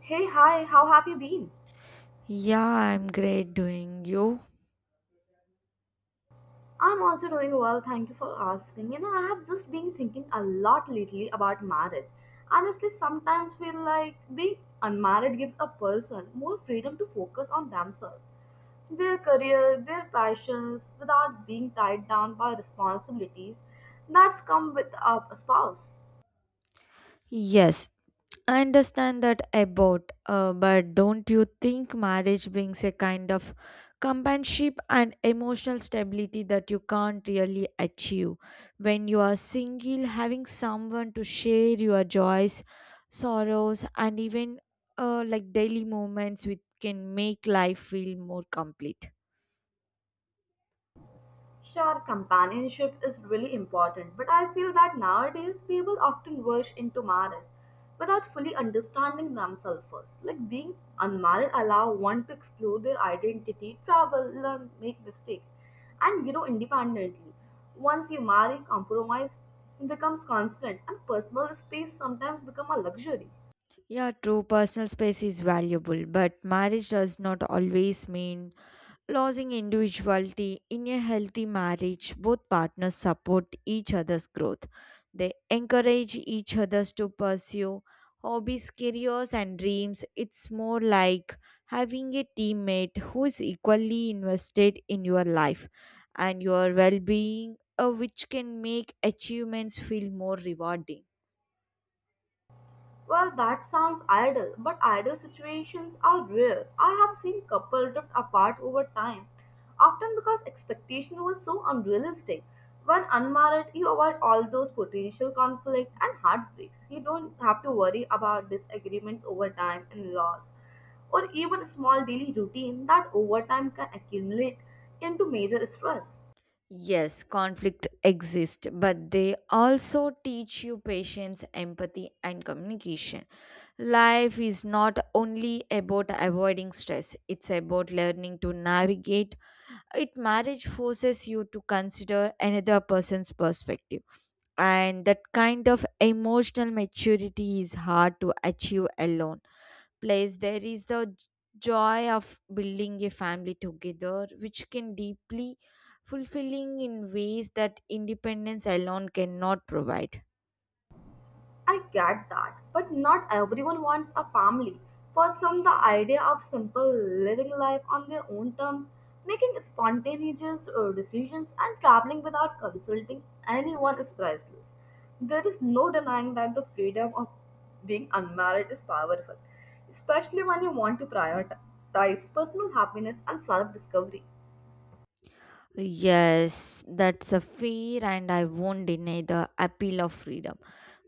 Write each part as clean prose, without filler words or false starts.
Hey, hi, how have you been? Yeah, I'm great doing you. I'm also doing well, thank you for asking. You know, I have just been thinking a lot lately about marriage. Honestly, sometimes feel like being unmarried gives a person more freedom to focus on themselves, their career, their passions, without being tied down by responsibilities that's come with a spouse. Yes, I understand that about, but don't you think marriage brings a kind of companionship and emotional stability that you can't really achieve when you are single? Having someone to share your joys, sorrows, and even like daily moments with can make life feel more complete. Sure, companionship is really important, but I feel that nowadays people often rush into marriage without fully understanding themselves first. Like being unmarried allow one to explore their identity, travel, learn, make mistakes, and grow independently. Once you marry, compromise becomes constant, and personal space sometimes become a luxury. Yeah, true, personal space is valuable, but marriage does not always mean losing individuality in a healthy marriage. Both partners support each other's growth, they encourage each others to pursue hobbies, careers and dreams. It's more like having a teammate who is equally invested in your life and your well-being, which can make achievements feel more rewarding. Well, that sounds ideal, but ideal situations are rare. I have seen couples drift apart over time, often because expectation was so unrealistic. When unmarried, you avoid all those potential conflict and heartbreaks. You don't have to worry about disagreements over time and loss, or even small daily routine that over time can accumulate into major stress. Yes, conflict exist, but they also teach you patience, empathy, and communication. Life is not only about avoiding stress, it's about learning to navigate it. Marriage forces you to consider another person's perspective, and that kind of emotional maturity is hard to achieve alone. Place, there is the joy of building a family together, which can deeply fulfilling in ways that independence alone cannot provide. I get that, but not everyone wants a family. For some, the idea of simple living life on their own terms, making spontaneous decisions, and traveling without consulting anyone is priceless. There is no denying that the freedom of being unmarried is powerful, especially when you want to prioritize personal happiness and self discovery. Yes, that's a fear, and I won't deny the appeal of freedom.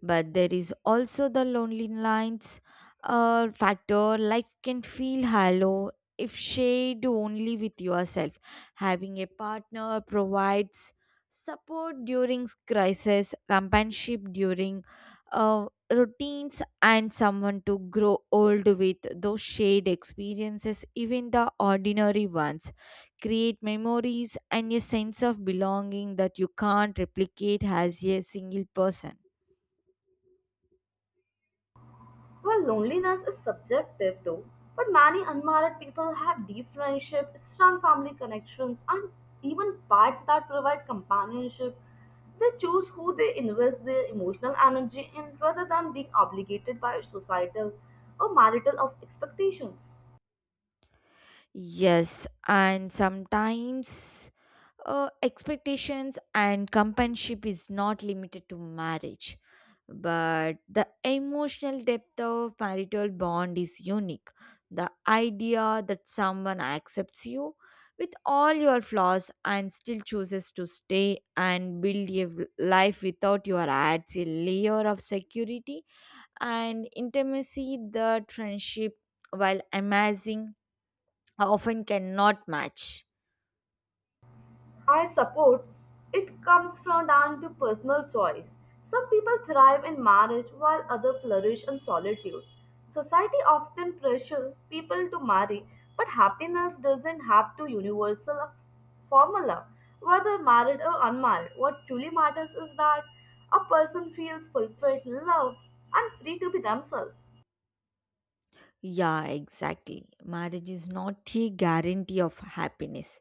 But there is also the lonely lines factor. Life can feel hollow if shared only with yourself. Having a partner provides support during crisis, companionship during uh, routines, and someone to grow old with. Those shared experiences, even the ordinary ones, create memories and a sense of belonging that you can't replicate as a single person. Well, loneliness is subjective though, but many unmarried people have deep friendship, strong family connections, and even pets that provide companionship. They choose who they invest their emotional energy in rather than being obligated by societal or marital of expectations. Yes, and sometimes expectations and companionship is not limited to marriage, but the emotional depth of marital bond is unique. The idea that someone accepts you with all your flaws and still chooses to stay and build a life without your adds a layer of security and intimacy that friendship, while amazing, often cannot match. I suppose it comes from down to personal choice. Some people thrive in marriage while others flourish in solitude. Society often pressures people to marry, but happiness doesn't have to universal formula. Whether married or unmarried, what truly matters is that a person feels fulfilled, loved, and free to be themselves. Yeah, exactly. Marriage is not a guarantee of happiness,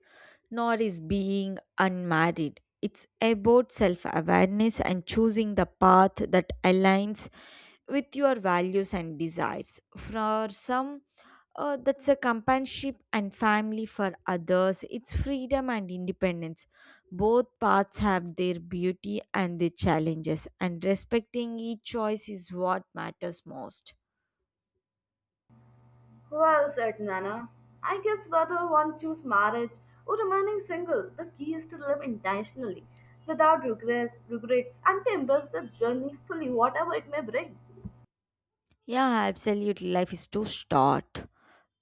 nor is being unmarried. It's about self awareness and choosing the path that aligns with your values and desires. For some, that's a companionship and family. For others, it's freedom and independence. Both paths have their beauty and their challenges, and respecting each choice is what matters most. Well said, Nana. I guess whether one chooses marriage or remaining single, the key is to live intentionally, without regrets, and to embrace the journey fully, whatever it may bring. Yeah, absolutely. Life is too short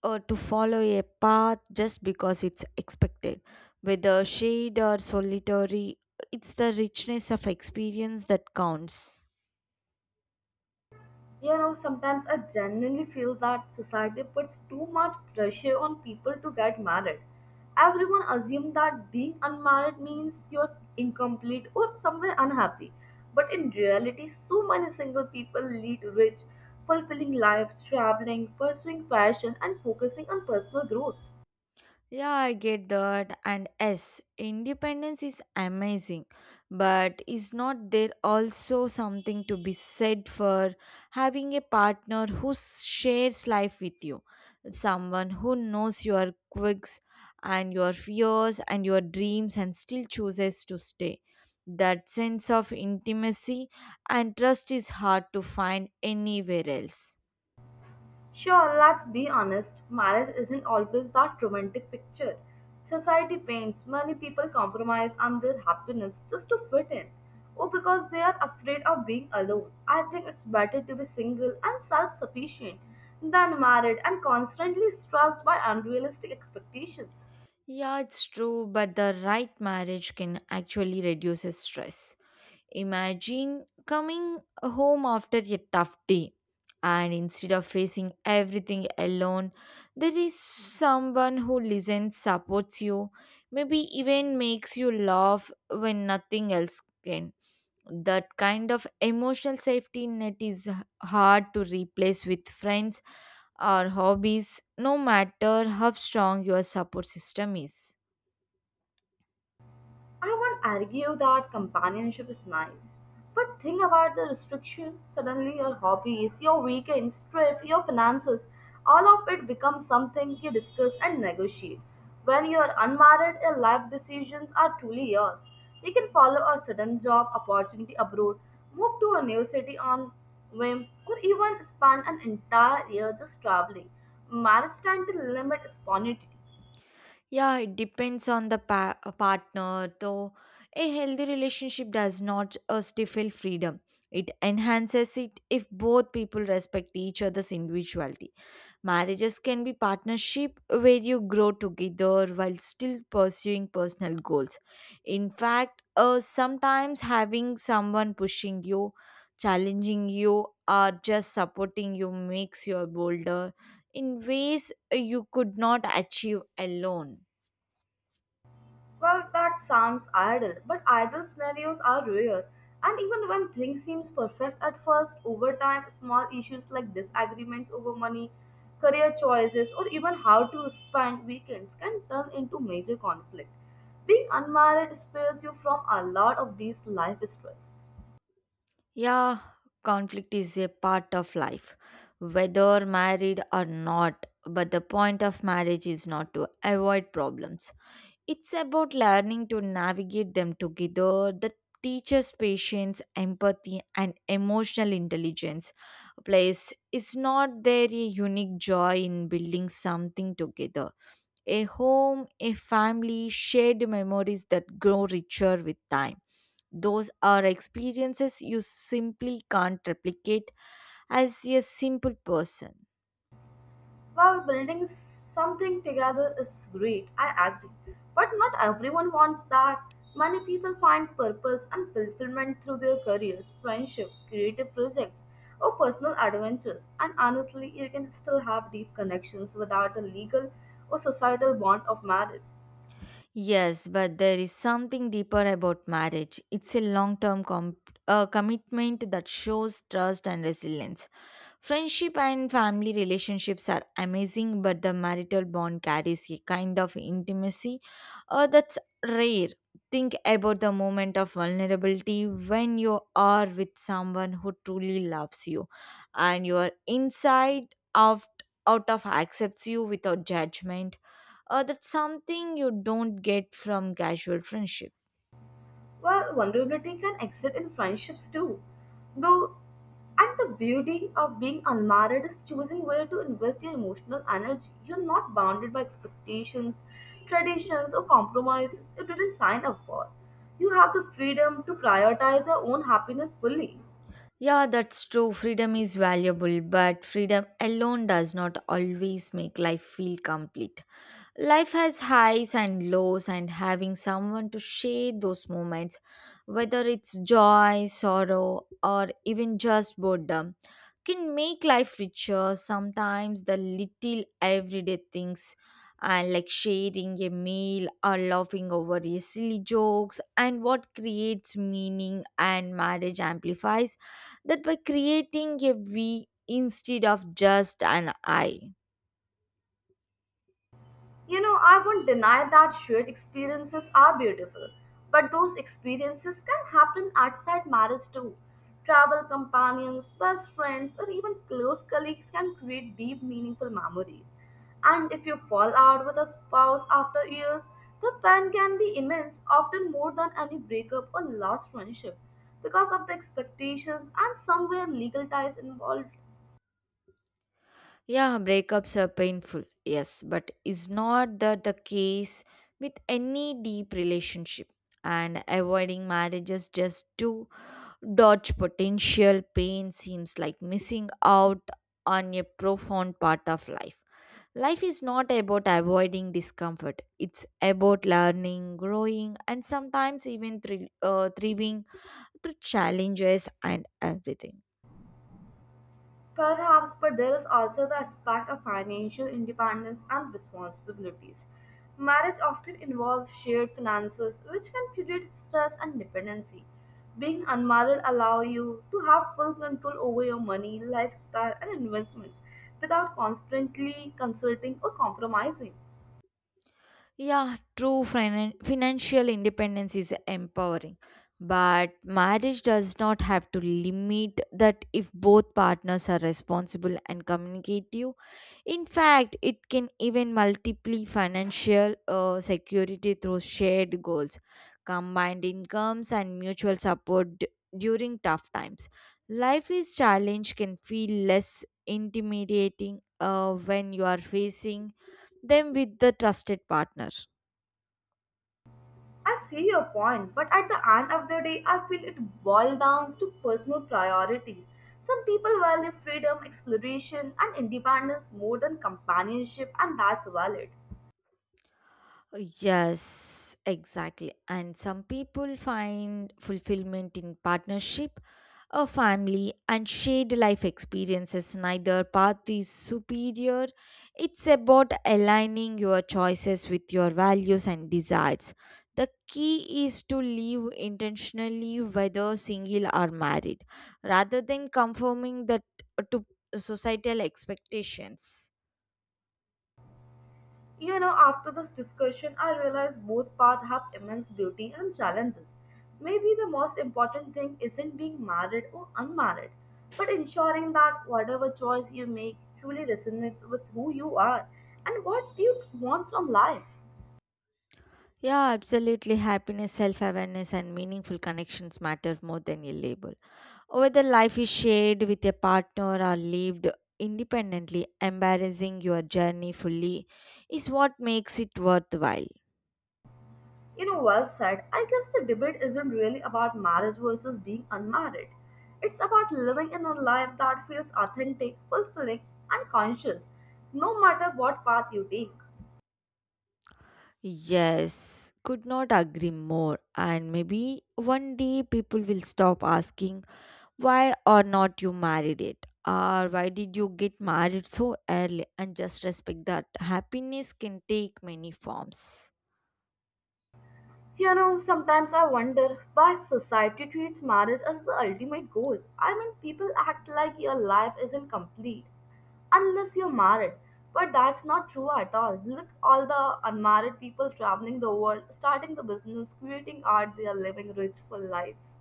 or to follow a path just because it's expected. Whether shade or solitary, it's the richness of experience that counts. You know, sometimes I genuinely feel that society puts too much pressure on people to get married. Everyone assumes that being unmarried means you're incomplete or somewhere unhappy. But in reality, so many single people lead rich, fulfilling lives, traveling, pursuing passion, and focusing on personal growth. Yeah, I get that. And yes, independence is amazing, but is not there also something to be said for having a partner who shares life with you? Someone who knows your quirks and your fears and your dreams and still chooses to stay. That sense of intimacy and trust is hard to find anywhere else. Sure, let's be honest, marriage isn't always that romantic picture. Society paints many people compromise on their happiness just to fit in, or because they are afraid of being alone. I think it's better to be single and self sufficient than married and constantly stressed by unrealistic expectations. Yeah, it's true, but the right marriage can actually reduce stress. Imagine coming home after a tough day and instead of facing everything alone, there is someone who listens, supports you, maybe even makes you laugh when nothing else can. That kind of emotional safety net is hard to replace with friends or hobbies, no matter how strong your support system is. I won't argue that companionship is nice, but think about the restriction. Suddenly, your hobbies, your weekends, trip, your finances, all of it becomes something you discuss and negotiate. When you are unmarried, your life decisions are truly yours. You can follow a sudden job opportunity abroad, move to a new city on whim, or even spend an entire year just traveling. Marriage tends to limit spontaneity. Yeah, it depends on the partner, though. A healthy relationship does not stifle freedom. It enhances it if both people respect each other's individuality. Marriages can be partnership where you grow together while still pursuing personal goals. In fact, sometimes having someone pushing you, challenging you, or just supporting you makes you bolder in ways you could not achieve alone. Well, that sounds idle, but idle scenarios are rare. And even when things seem perfect at first, over time, small issues like disagreements over money, career choices, or even how to spend weekends can turn into major conflict. Being unmarried spares you from a lot of these life stress. Yeah, conflict is a part of life, whether married or not. But the point of marriage is not to avoid problems, it's about learning to navigate them together. That teaches patience, empathy, and emotional intelligence. Place is not there a unique joy in building something together? A home, a family, shared memories that grow richer with time. Those are experiences you simply can't replicate as a simple person. While building something together is great, I agree. But not everyone wants that. Many people find purpose and fulfillment through their careers, friendship, creative projects, or personal adventures. And honestly, you can still have deep connections without the legal or societal bond of marriage. Yes, but there is something deeper about marriage. It's a long term commitment that shows trust and resilience. Friendship and family relationships are amazing, but the marital bond carries a kind of intimacy, that's rare. Think about the moment of vulnerability when you are with someone who truly loves you and your inside out, out of accepts you without judgment. That's something you don't get from casual friendship. Well, vulnerability can exist in friendships too. Though, and the beauty of being unmarried is choosing where to invest your emotional energy. You're not bounded by expectations, traditions, or compromises you didn't sign up for. You have the freedom to prioritize your own happiness fully. Yeah, that's true. Freedom is valuable, but freedom alone does not always make life feel complete. Life has highs and lows, and having someone to share those moments, whether it's joy, sorrow, or even just boredom, can make life richer. Sometimes the little everyday things, and like sharing a meal or laughing over a silly jokes, and what creates meaning, and marriage amplifies that by creating a we instead of just an I. You know, I won't deny that shared experiences are beautiful, but those experiences can happen outside marriage too. Travel companions, best friends, or even close colleagues can create deep, meaningful memories. And if you fall out with a spouse after years, the pain can be immense, often more than any breakup or lost friendship, because of the expectations and somewhere legal ties involved. Yeah, breakups are painful, yes, but is not that the case with any deep relationship? And avoiding marriages just to dodge potential pain seems like missing out on a profound part of life. Life is not about avoiding discomfort, it's about learning, growing, and sometimes even thriving through challenges and everything. Perhaps, but there is also the aspect of financial independence and responsibilities. Marriage often involves shared finances, which can create stress and dependency. Being unmarried allows you to have full control over your money, lifestyle, and investments without constantly consulting or compromising. Yeah, true financial independence is empowering, but marriage does not have to limit that if both partners are responsible and communicative. In fact, it can even multiply financial security through shared goals, combined incomes, and mutual support during tough times. Life is challenge can feel less intimidating when you are facing them with the trusted partner. I see your point, but at the end of the day, I feel it boils down to personal priorities. Some people value freedom, exploration, and independence more than companionship, and that's valid. Yes, exactly. And some people find fulfillment in partnership, a family, and shared life experiences. Neither path is superior. It's about aligning your choices with your values and desires. The key is to live intentionally, whether single or married, rather than conforming that to societal expectations. You know, after this discussion, I realize both paths have immense beauty and challenges. Maybe the most important thing isn't being married or unmarried, but ensuring that whatever choice you make truly resonates with who you are and what you want from life. Yeah, absolutely. Happiness, self awareness, and meaningful connections matter more than a label. Whether life is shared with a partner or lived independently, embarrassing your journey fully is what makes it worthwhile. You know, well said. I guess the debate isn't really about marriage versus being unmarried. It's about living in a life that feels authentic, fulfilling, and conscious, no matter what path you take. Yes, could not agree more. And maybe one day people will stop asking why or not you married it, or why did you get married so early, and just respect that happiness can take many forms. You know, sometimes I wonder why society treats marriage as the ultimate goal. I mean, people act like your life isn't complete unless you're married. But that's not true at all. Look, all the unmarried people traveling the world, starting the business, creating art, they are living rich full lives.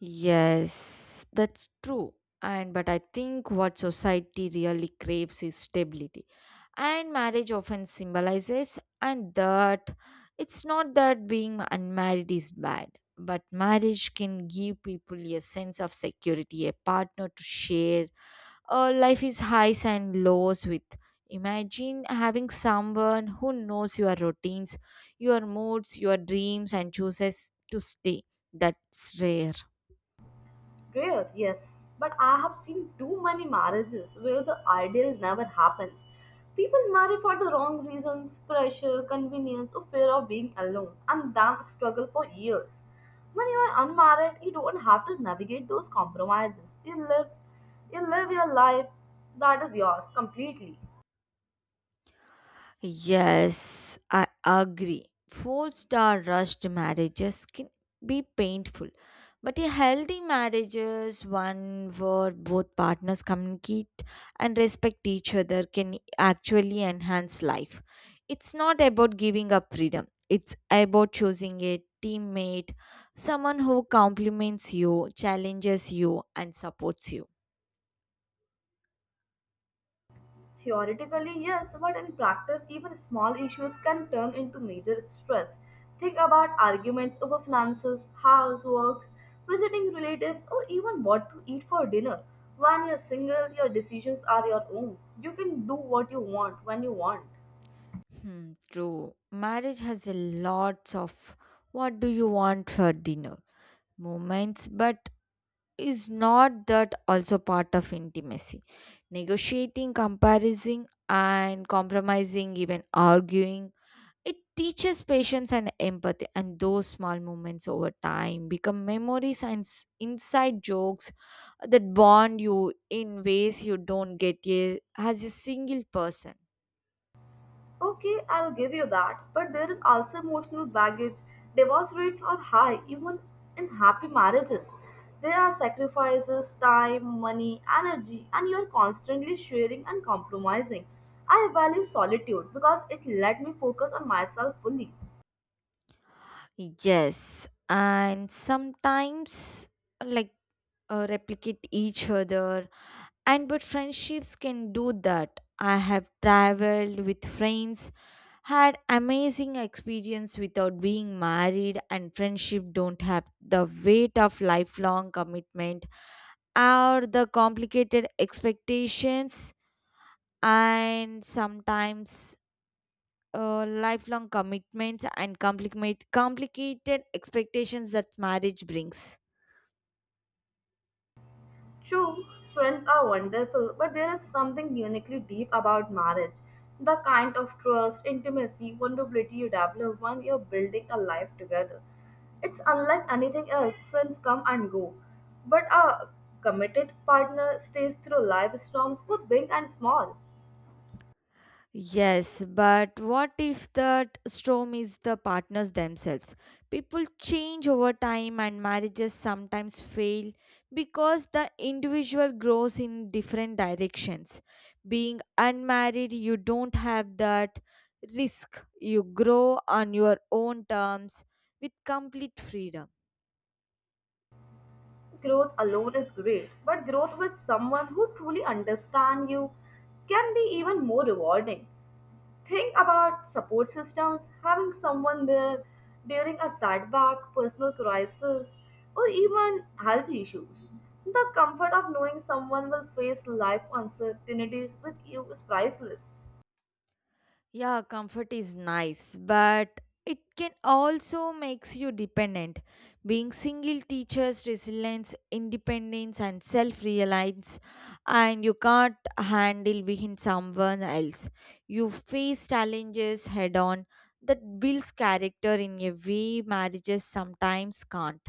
Yes, that's true. And but I think what society really craves is stability. And marriage often symbolizes and that it's not that being unmarried is bad, but marriage can give people a sense of security, a partner to share. Life is highs and lows with. Imagine having someone who knows your routines, your moods, your dreams and chooses to stay. That's rare. Rare, yes, but I have seen too many marriages where the ideal never happens. People marry for the wrong reasons pressure, convenience, or fear of being alone, and then struggle for years. When you are unmarried, you don't have to navigate those compromises. You live your life that is yours completely. Yes, I agree. Four-star rushed marriages can be painful, but a healthy marriage is one where both partners communicate and respect each other can actually enhance life. It's not about giving up freedom, it's about choosing a teammate, someone who compliments you, challenges you, and supports you. Theoretically, yes, but in practice, even small issues can turn into major stress. Think about arguments over finances, houseworks, visiting relatives, or even what to eat for dinner. When you're single, your decisions are your own. You can do what you want when you want. Hmm, true. Marriage has a lots of what do you want for dinner moments, but is not that also part of intimacy? Negotiating, comparing, and compromising, even arguing, it teaches patience and empathy, and those small moments over time become memories and inside jokes that bond you in ways you don't get as a single person. Okay, I'll give you that. But there is also emotional baggage. Divorce rates are high, even in happy marriages. There are sacrifices, time, money, energy, and you're constantly sharing and compromising. I value solitude because it let me focus on myself fully. Yes, and sometimes like replicate each other, and but friendships can do that. I have traveled with friends, had amazing experience without being married, and friendship don't have the weight of lifelong commitment or the complicated expectations and sometimes lifelong commitments and complicated expectations that marriage brings. True, friends are wonderful, but there is something uniquely deep about marriage. The kind of trust, intimacy, vulnerability you develop when you're building a life together. It's unlike anything else. Friends come and go, but a committed partner stays through life storms, both big and small. Yes, but what if that storm is the partners themselves? People change over time and marriages sometimes fail because the individual grows in different directions. Being unmarried, you don't have that risk. You grow on your own terms with complete freedom. Growth alone is great, but growth with someone who truly understands you can be even more rewarding. Think about support systems, having someone there during a setback, personal crisis, or even health issues. The comfort of knowing someone will face life uncertainties with you is priceless. Yeah, comfort is nice, but it can also makes you dependent. Being single teaches resilience, independence, and self-reliance, and you can't handle within someone else. You face challenges head-on, that builds character in a way marriages sometimes can't.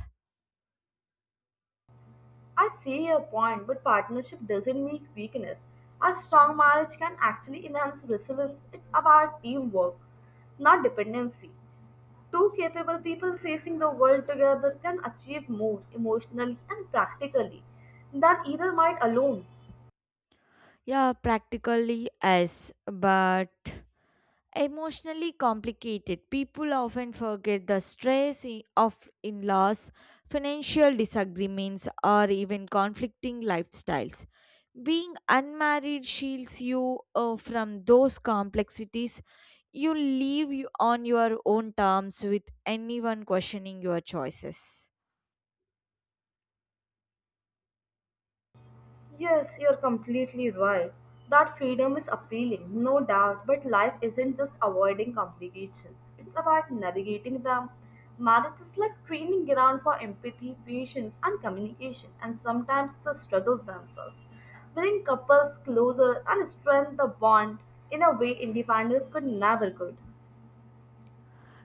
I see your point, but partnership doesn't mean weakness. A strong marriage can actually enhance resilience. It's about teamwork, not dependency. Two capable people facing the world together can achieve more emotionally and practically than either might alone. Yeah, practically yes, but emotionally complicated. People often forget the stress of in laws, financial disagreements, or even conflicting lifestyles. Being unmarried shields you, from those complexities. You live on your own terms with anyone questioning your choices. Yes, you're completely right. That freedom is appealing, no doubt, but life isn't just avoiding complications, it's about navigating them. Marriage is like training ground for empathy, patience, and communication, and sometimes the struggle themselves. Bring couples closer and strengthen the bond in a way independence could never could.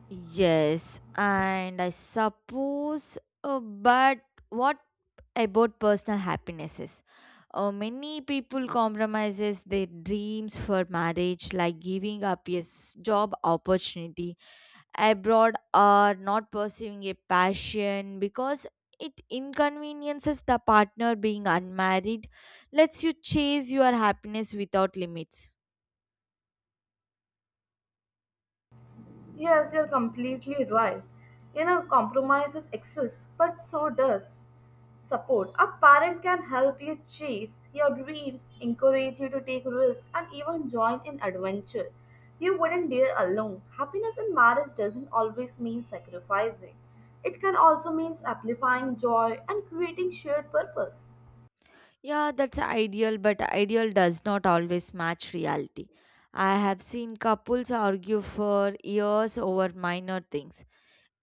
Yes, and I suppose, but what about personal happinesses? Many people compromises their dreams for marriage, like giving up a job opportunity abroad or not pursuing a passion because it inconveniences the partner. Being unmarried lets you chase your happiness without limits. Yes, you're completely right. You know, compromises exist, but so does support. A parent can help you chase your dreams, encourage you to take risks, and even join in adventure. You wouldn't dare alone. Happiness in marriage doesn't always mean sacrificing. It can also mean amplifying joy and creating shared purpose. Yeah, that's ideal, but ideal does not always match reality. I have seen couples argue for years over minor things.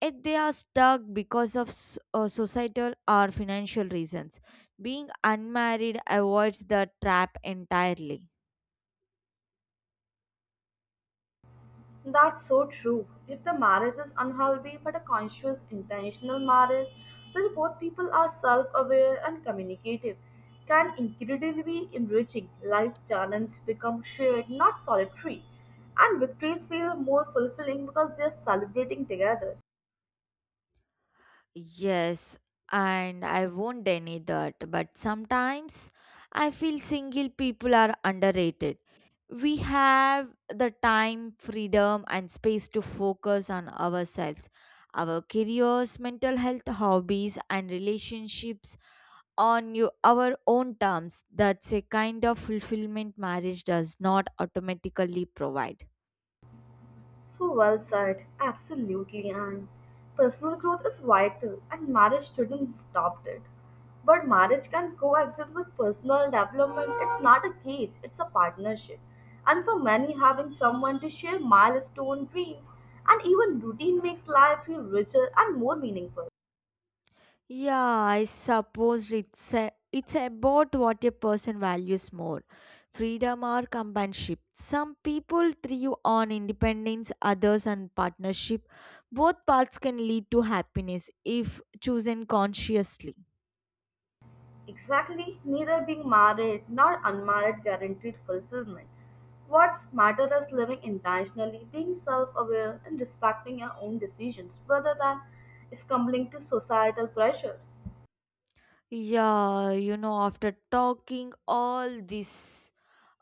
Yet they are stuck because of societal or financial reasons. Being unmarried avoids the trap entirely. That's so true. If the marriage is unhealthy but a conscious, intentional marriage, where both people are self aware and communicative, can incredibly enriching. Life challenges become shared, not solitary, and victories feel more fulfilling because they are celebrating together. Yes, and I won't deny that, but sometimes I feel single people are underrated. We have the time, freedom, and space to focus on ourselves, our careers, mental health, hobbies, and relationships on your, our own terms. That's a kind of fulfillment marriage does not automatically provide. So well said, absolutely. And personal growth is vital, and marriage shouldn't stop it. But marriage can coexist with personal development. It's not a cage, it's a partnership. And for many, having someone to share milestone dreams and even routine makes life feel richer and more meaningful. Yeah, I suppose it's about what a person values more, freedom or companionship. Some people thrive on independence, others on partnership. Both paths can lead to happiness if chosen consciously. Exactly, neither being married nor unmarried guaranteed fulfillment. What's matter is living intentionally, being self aware, and respecting your own decisions rather than succumbing to societal pressure. After talking all this,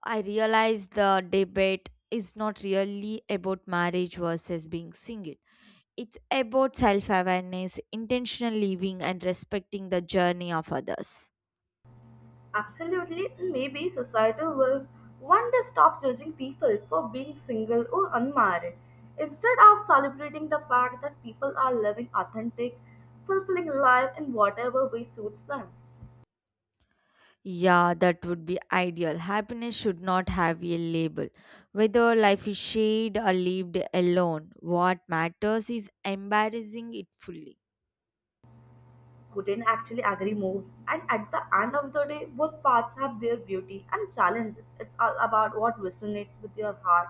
I realize the debate is not really about marriage versus being single. It's about self awareness, intentional living, and respecting the journey of others. Absolutely, and maybe society will one day stop judging people for being single or unmarried instead of celebrating the fact that people are living authentic, fulfilling life in whatever way suits them. Yeah, that would be ideal. Happiness should not have a label. Whether life is shared or lived alone, what matters is embracing it fully. Couldn't actually agree more. And at the end of the day, both paths have their beauty and challenges. It's all about what resonates with your heart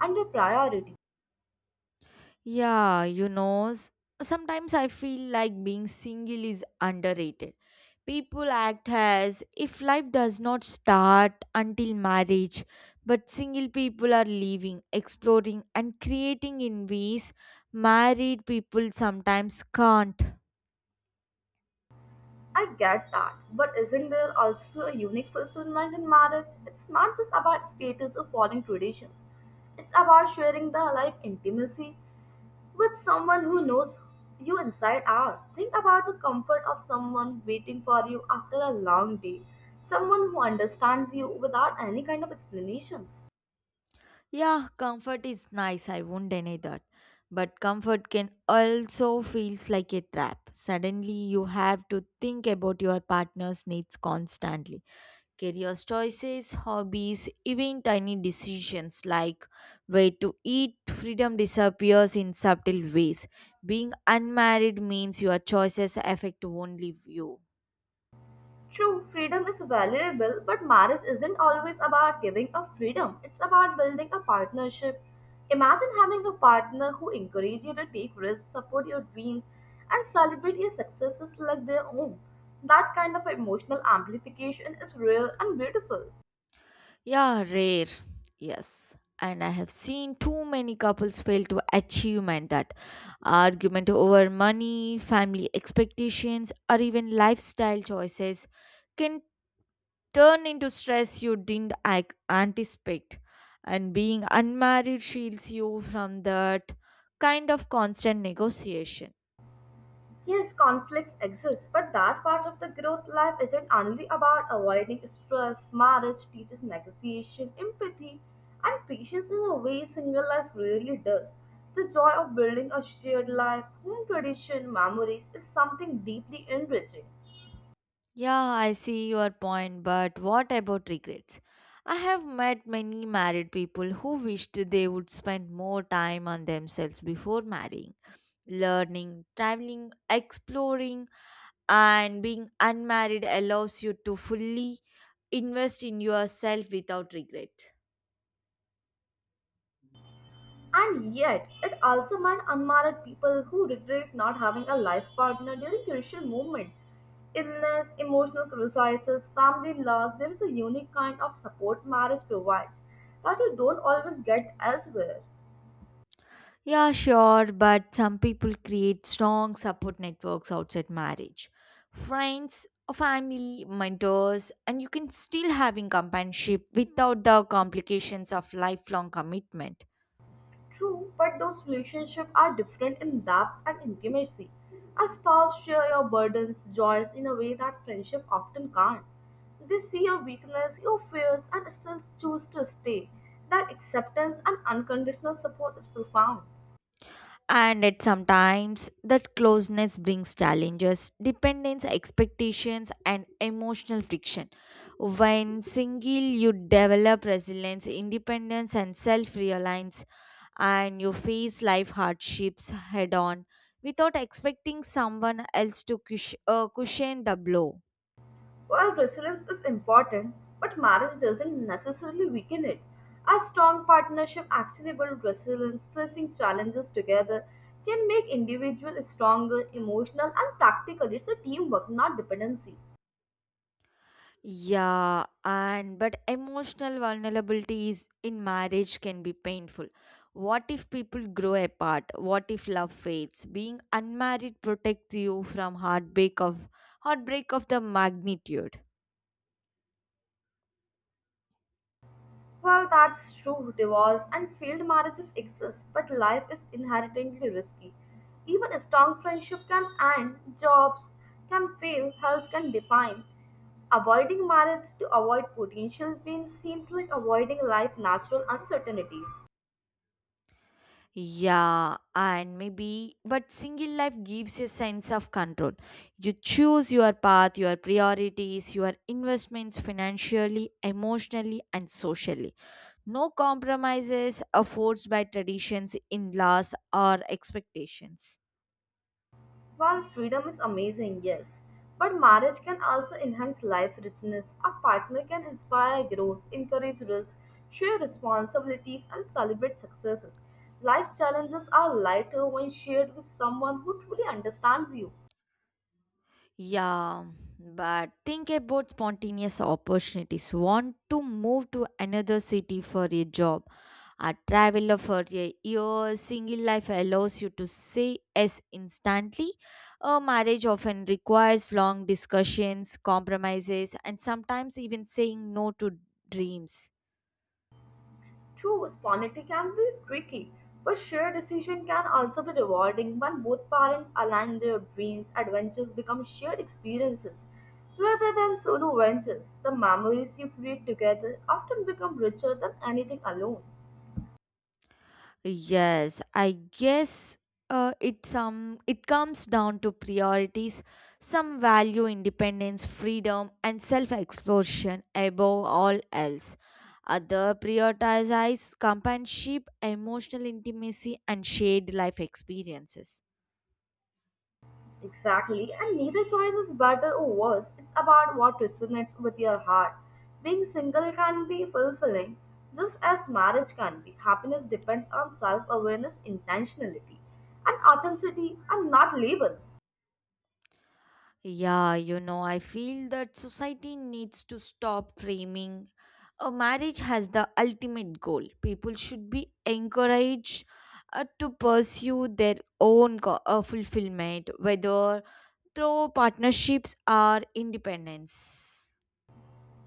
and your priority. Yeah, you know, s- Sometimes I feel like being single is underrated. People act as if life does not start until marriage, but single people are living, exploring, and creating in ways married people sometimes can't. I get that, but isn't there also a unique fulfillment in marriage? It's not just about status or following traditions, it's about sharing the life intimacy with someone who knows you inside out. Think about the comfort of someone waiting for you after a long day, someone who understands you without any kind of explanations. Yeah, comfort is nice, I won't deny that. But comfort can also feels like a trap. Suddenly you have to think about your partner's needs constantly. Career choices, hobbies, even tiny decisions like where to eat, freedom disappears in subtle ways. Being unmarried means your choices affect only you. True, freedom is valuable, but marriage isn't always about giving up freedom. It's about building a partnership. Imagine having a partner who encourages you to take risks, support your dreams, and celebrate your successes like their own. That kind of emotional amplification is real and beautiful. Yeah, rare. Yes. And I have seen too many couples fail to achievement that argument over money, family expectations, or even lifestyle choices can turn into stress you didn't anticipate. And being unmarried shields you from that kind of constant negotiation. Yes, conflicts exist, but that part of the growth life isn't only about avoiding stress. Marriage teaches negotiation, empathy, and patience in a way single life really does. The joy of building a shared life, home tradition, memories is something deeply enriching. Yeah, I see your point, but what about regrets? I have met many married people who wished they would spend more time on themselves before marrying. Learning, traveling, exploring, and being unmarried allows you to fully invest in yourself without regret. And yet, it also meant unmarried people who regret not having a life partner during crucial moments. Illness, emotional crises, family loss, there is a unique kind of support marriage provides that you don't always get elsewhere. Yeah, sure, but some people create strong support networks outside marriage. Friends, a family, mentors, and you can still having companionship without the complications of lifelong commitment. True, but those relationships are different in depth and intimacy. A spouse share your burdens, joys in a way that friendship often can't. They see your weakness, your fears, and still choose to stay. That acceptance and unconditional support is profound. And at sometimes that closeness brings challenges, dependence, expectations, and emotional friction. When single, you develop resilience, independence, and self-reliance, and you face life hardships head on without expecting someone else to cushion the blow. While resilience is important, but marriage doesn't necessarily weaken it. A strong partnership actually builds resilience, facing challenges together can make individuals stronger, emotional and practical. It's a teamwork, not dependency. Yeah, and but emotional vulnerability is in marriage can be painful. What if people grow apart? What if love fades? Being unmarried protects you from heartbreak of the magnitude. Well, that's true. Divorce and failed marriages exist, but life is inherently risky. Even a strong friendship can end, jobs can fail, health can decline. Avoiding marriage to avoid potential pain seems like avoiding life's natural uncertainties. Yeah, and maybe but single life gives a sense of control. You choose your path, your priorities, your investments financially, emotionally, and socially. No compromises are forced by traditions, in laws, or expectations. While freedom is amazing, yes, but marriage can also enhance life richness. A partner can inspire growth, encourage risk, share responsibilities, and celebrate successes. Life challenges are lighter when shared with someone who truly understands you. Yeah, but think about spontaneous opportunities. Want to move to another city for a job, a traveler for a year, single life allows you to say yes instantly. A marriage often requires long discussions, compromises, and sometimes even saying no to dreams. True, spontaneity can be tricky, but shared decision can also be rewarding when both parents align their dreams. Adventures become shared experiences rather than solo ventures. The memories you create together often become richer than anything alone. Yes, I guess it comes down to priorities. Some value independence, freedom, and self-exploration above all else. Other prioritize companionship, emotional intimacy, and shared life experiences. Exactly, and neither choice is better or worse. It's about what resonates with your heart. Being single can be fulfilling, just as marriage can be. Happiness depends on self awareness, intentionality, and authenticity, and not labels. I feel that society needs to stop framing a marriage as the ultimate goal. People should be encouraged to pursue their own fulfillment, whether through partnerships or independence.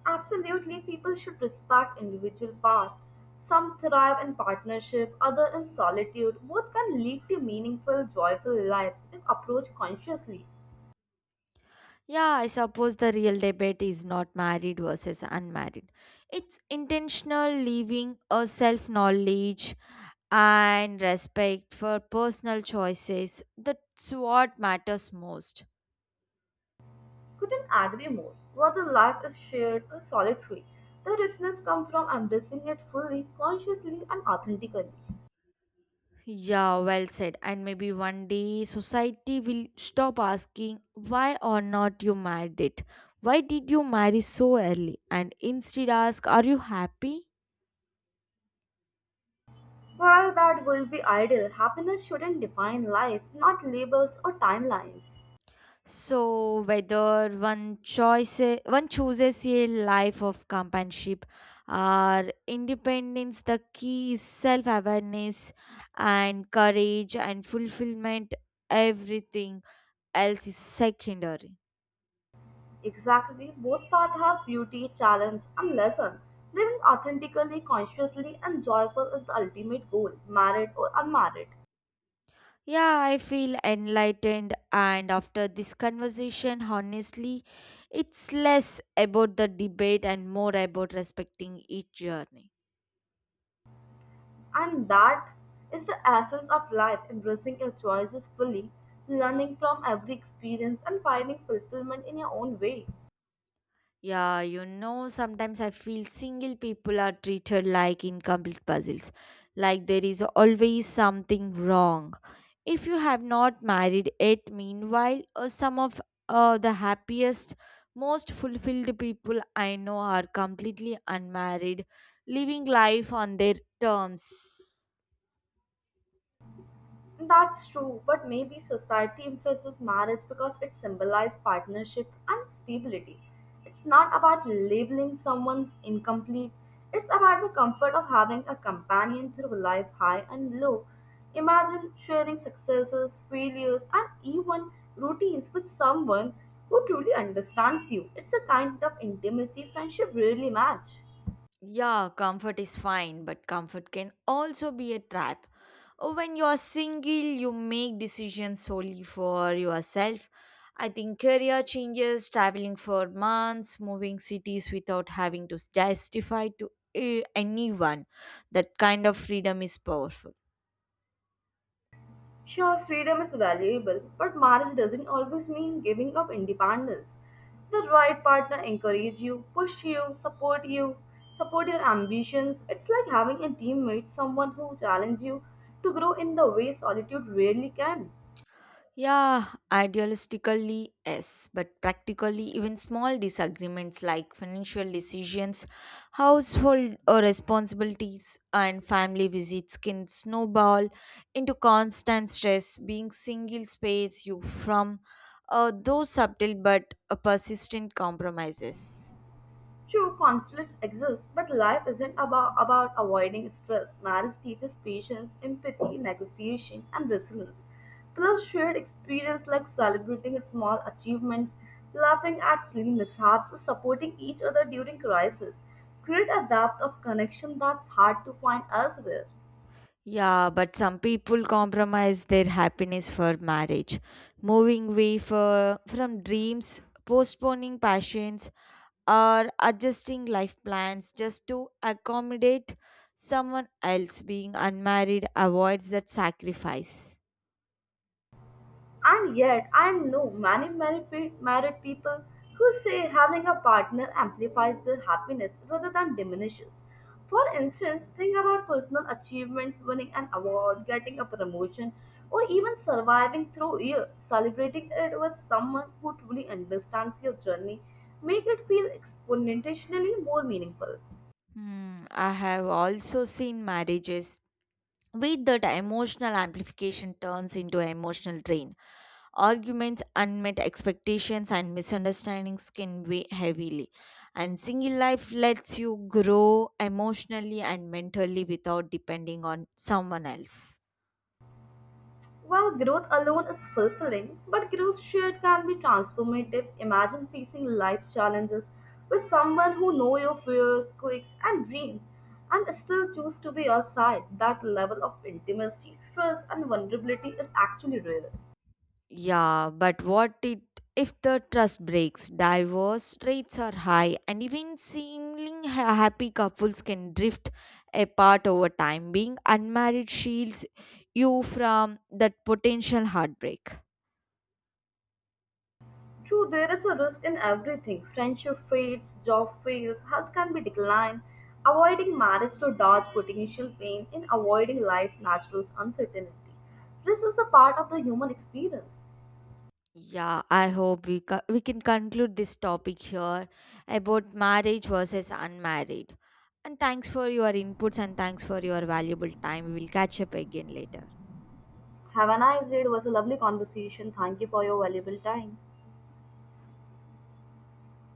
Absolutely, people should respect individual paths. Some thrive in partnership, other in solitude. Both can lead to meaningful, joyful lives if approached consciously. Yeah, I suppose the real debate is not married versus unmarried. It's intentional living, a self knowledge, and respect for personal choices. That's what matters most. Couldn't agree more. Whether life is shared or solitary, the richness comes from embracing it fully, consciously, and authentically. Yeah, well said. And maybe one day society will stop asking why or not you married it. Why did you marry so early? And instead ask, are you happy? While that would be ideal, happiness shouldn't define life, not labels or timelines. So whether one chooses a life of companionship or independence, the key is self awareness and courage and fulfillment. Everything else is secondary. Exactly, both paths have beauty, challenge, and lesson. Living authentically, consciously, and joyful is the ultimate goal, married or unmarried. Yeah, I feel enlightened, and after this conversation, honestly, it's less about the debate and more about respecting each journey. And that is the essence of life embracing your choices fully, learning from every experience, and finding fulfillment in your own way. Sometimes I feel single people are treated like incomplete puzzles, like there is always something wrong. If you have not married yet, meanwhile, some of the happiest, most fulfilled people I know are completely unmarried, living life on their terms. That's true, but maybe society emphasizes marriage because it symbolizes partnership and stability. It's not about labeling someone's incomplete, it's about the comfort of having a companion through life high and low. Imagine sharing successes, failures, and even routines with someone who truly understands you. It's a kind of intimacy friendship really match. Yeah, comfort is fine, but comfort can also be a trap. When you're single, you make decisions solely for yourself. I think career changes, traveling for months, moving cities without having to justify to anyone. That kind of freedom is powerful. Sure, freedom is valuable, but marriage doesn't always mean giving up independence. The right partner encourage you, push you, support your ambitions. It's like having a teammate, someone who challenges you to grow in the way solitude rarely can. Yeah, idealistically, yes, but practically, even small disagreements like financial decisions, household responsibilities, and family visits can snowball into constant stress. Being single space you from those subtle but persistent compromises. True, conflicts exist, but life isn't about avoiding stress. Marriage teaches patience, empathy, negotiation, and resilience. Plus, shared experience like celebrating small achievements, laughing at silly mishaps, or supporting each other during crisis create a depth of connection that's hard to find elsewhere. Yeah, but some people compromise their happiness for marriage, moving away for, from dreams, postponing passions or adjusting life plans just to accommodate someone else. Being unmarried avoids that sacrifice. And yet, I know many married people who say having a partner amplifies their happiness rather than diminishes. For instance, think about personal achievements, winning an award, getting a promotion, or even surviving through a year. Celebrating it with someone who truly understands your journey make it feel exponentially more meaningful. Hmm, I have also seen marriages with that emotional amplification turns into emotional drain, arguments, unmet expectations, and misunderstandings can weigh heavily, and single life lets you grow emotionally and mentally without depending on someone else. While growth alone is fulfilling, but growth shared can be transformative. Imagine facing life challenges with someone who knows your fears, quirks, and dreams, and still choose to be your side. That level of intimacy, trust, and vulnerability is actually rare. Yeah, but what it if the trust breaks? Divorce rates are high, and even seemingly happy couples can drift apart over time. Being unmarried shields you from that potential heartbreak. True, there is a risk in everything. Friendship fades, job fails, health can be declined. Avoiding marriage to dodge potential pain in avoiding life natural's uncertainty. Risk is a part of the human experience. Yeah, I hope we can conclude this topic here about marriage versus unmarried. And thanks for your inputs and thanks for your valuable time. We will catch up again later. Have a nice day. It was a lovely conversation. Thank you for your valuable time.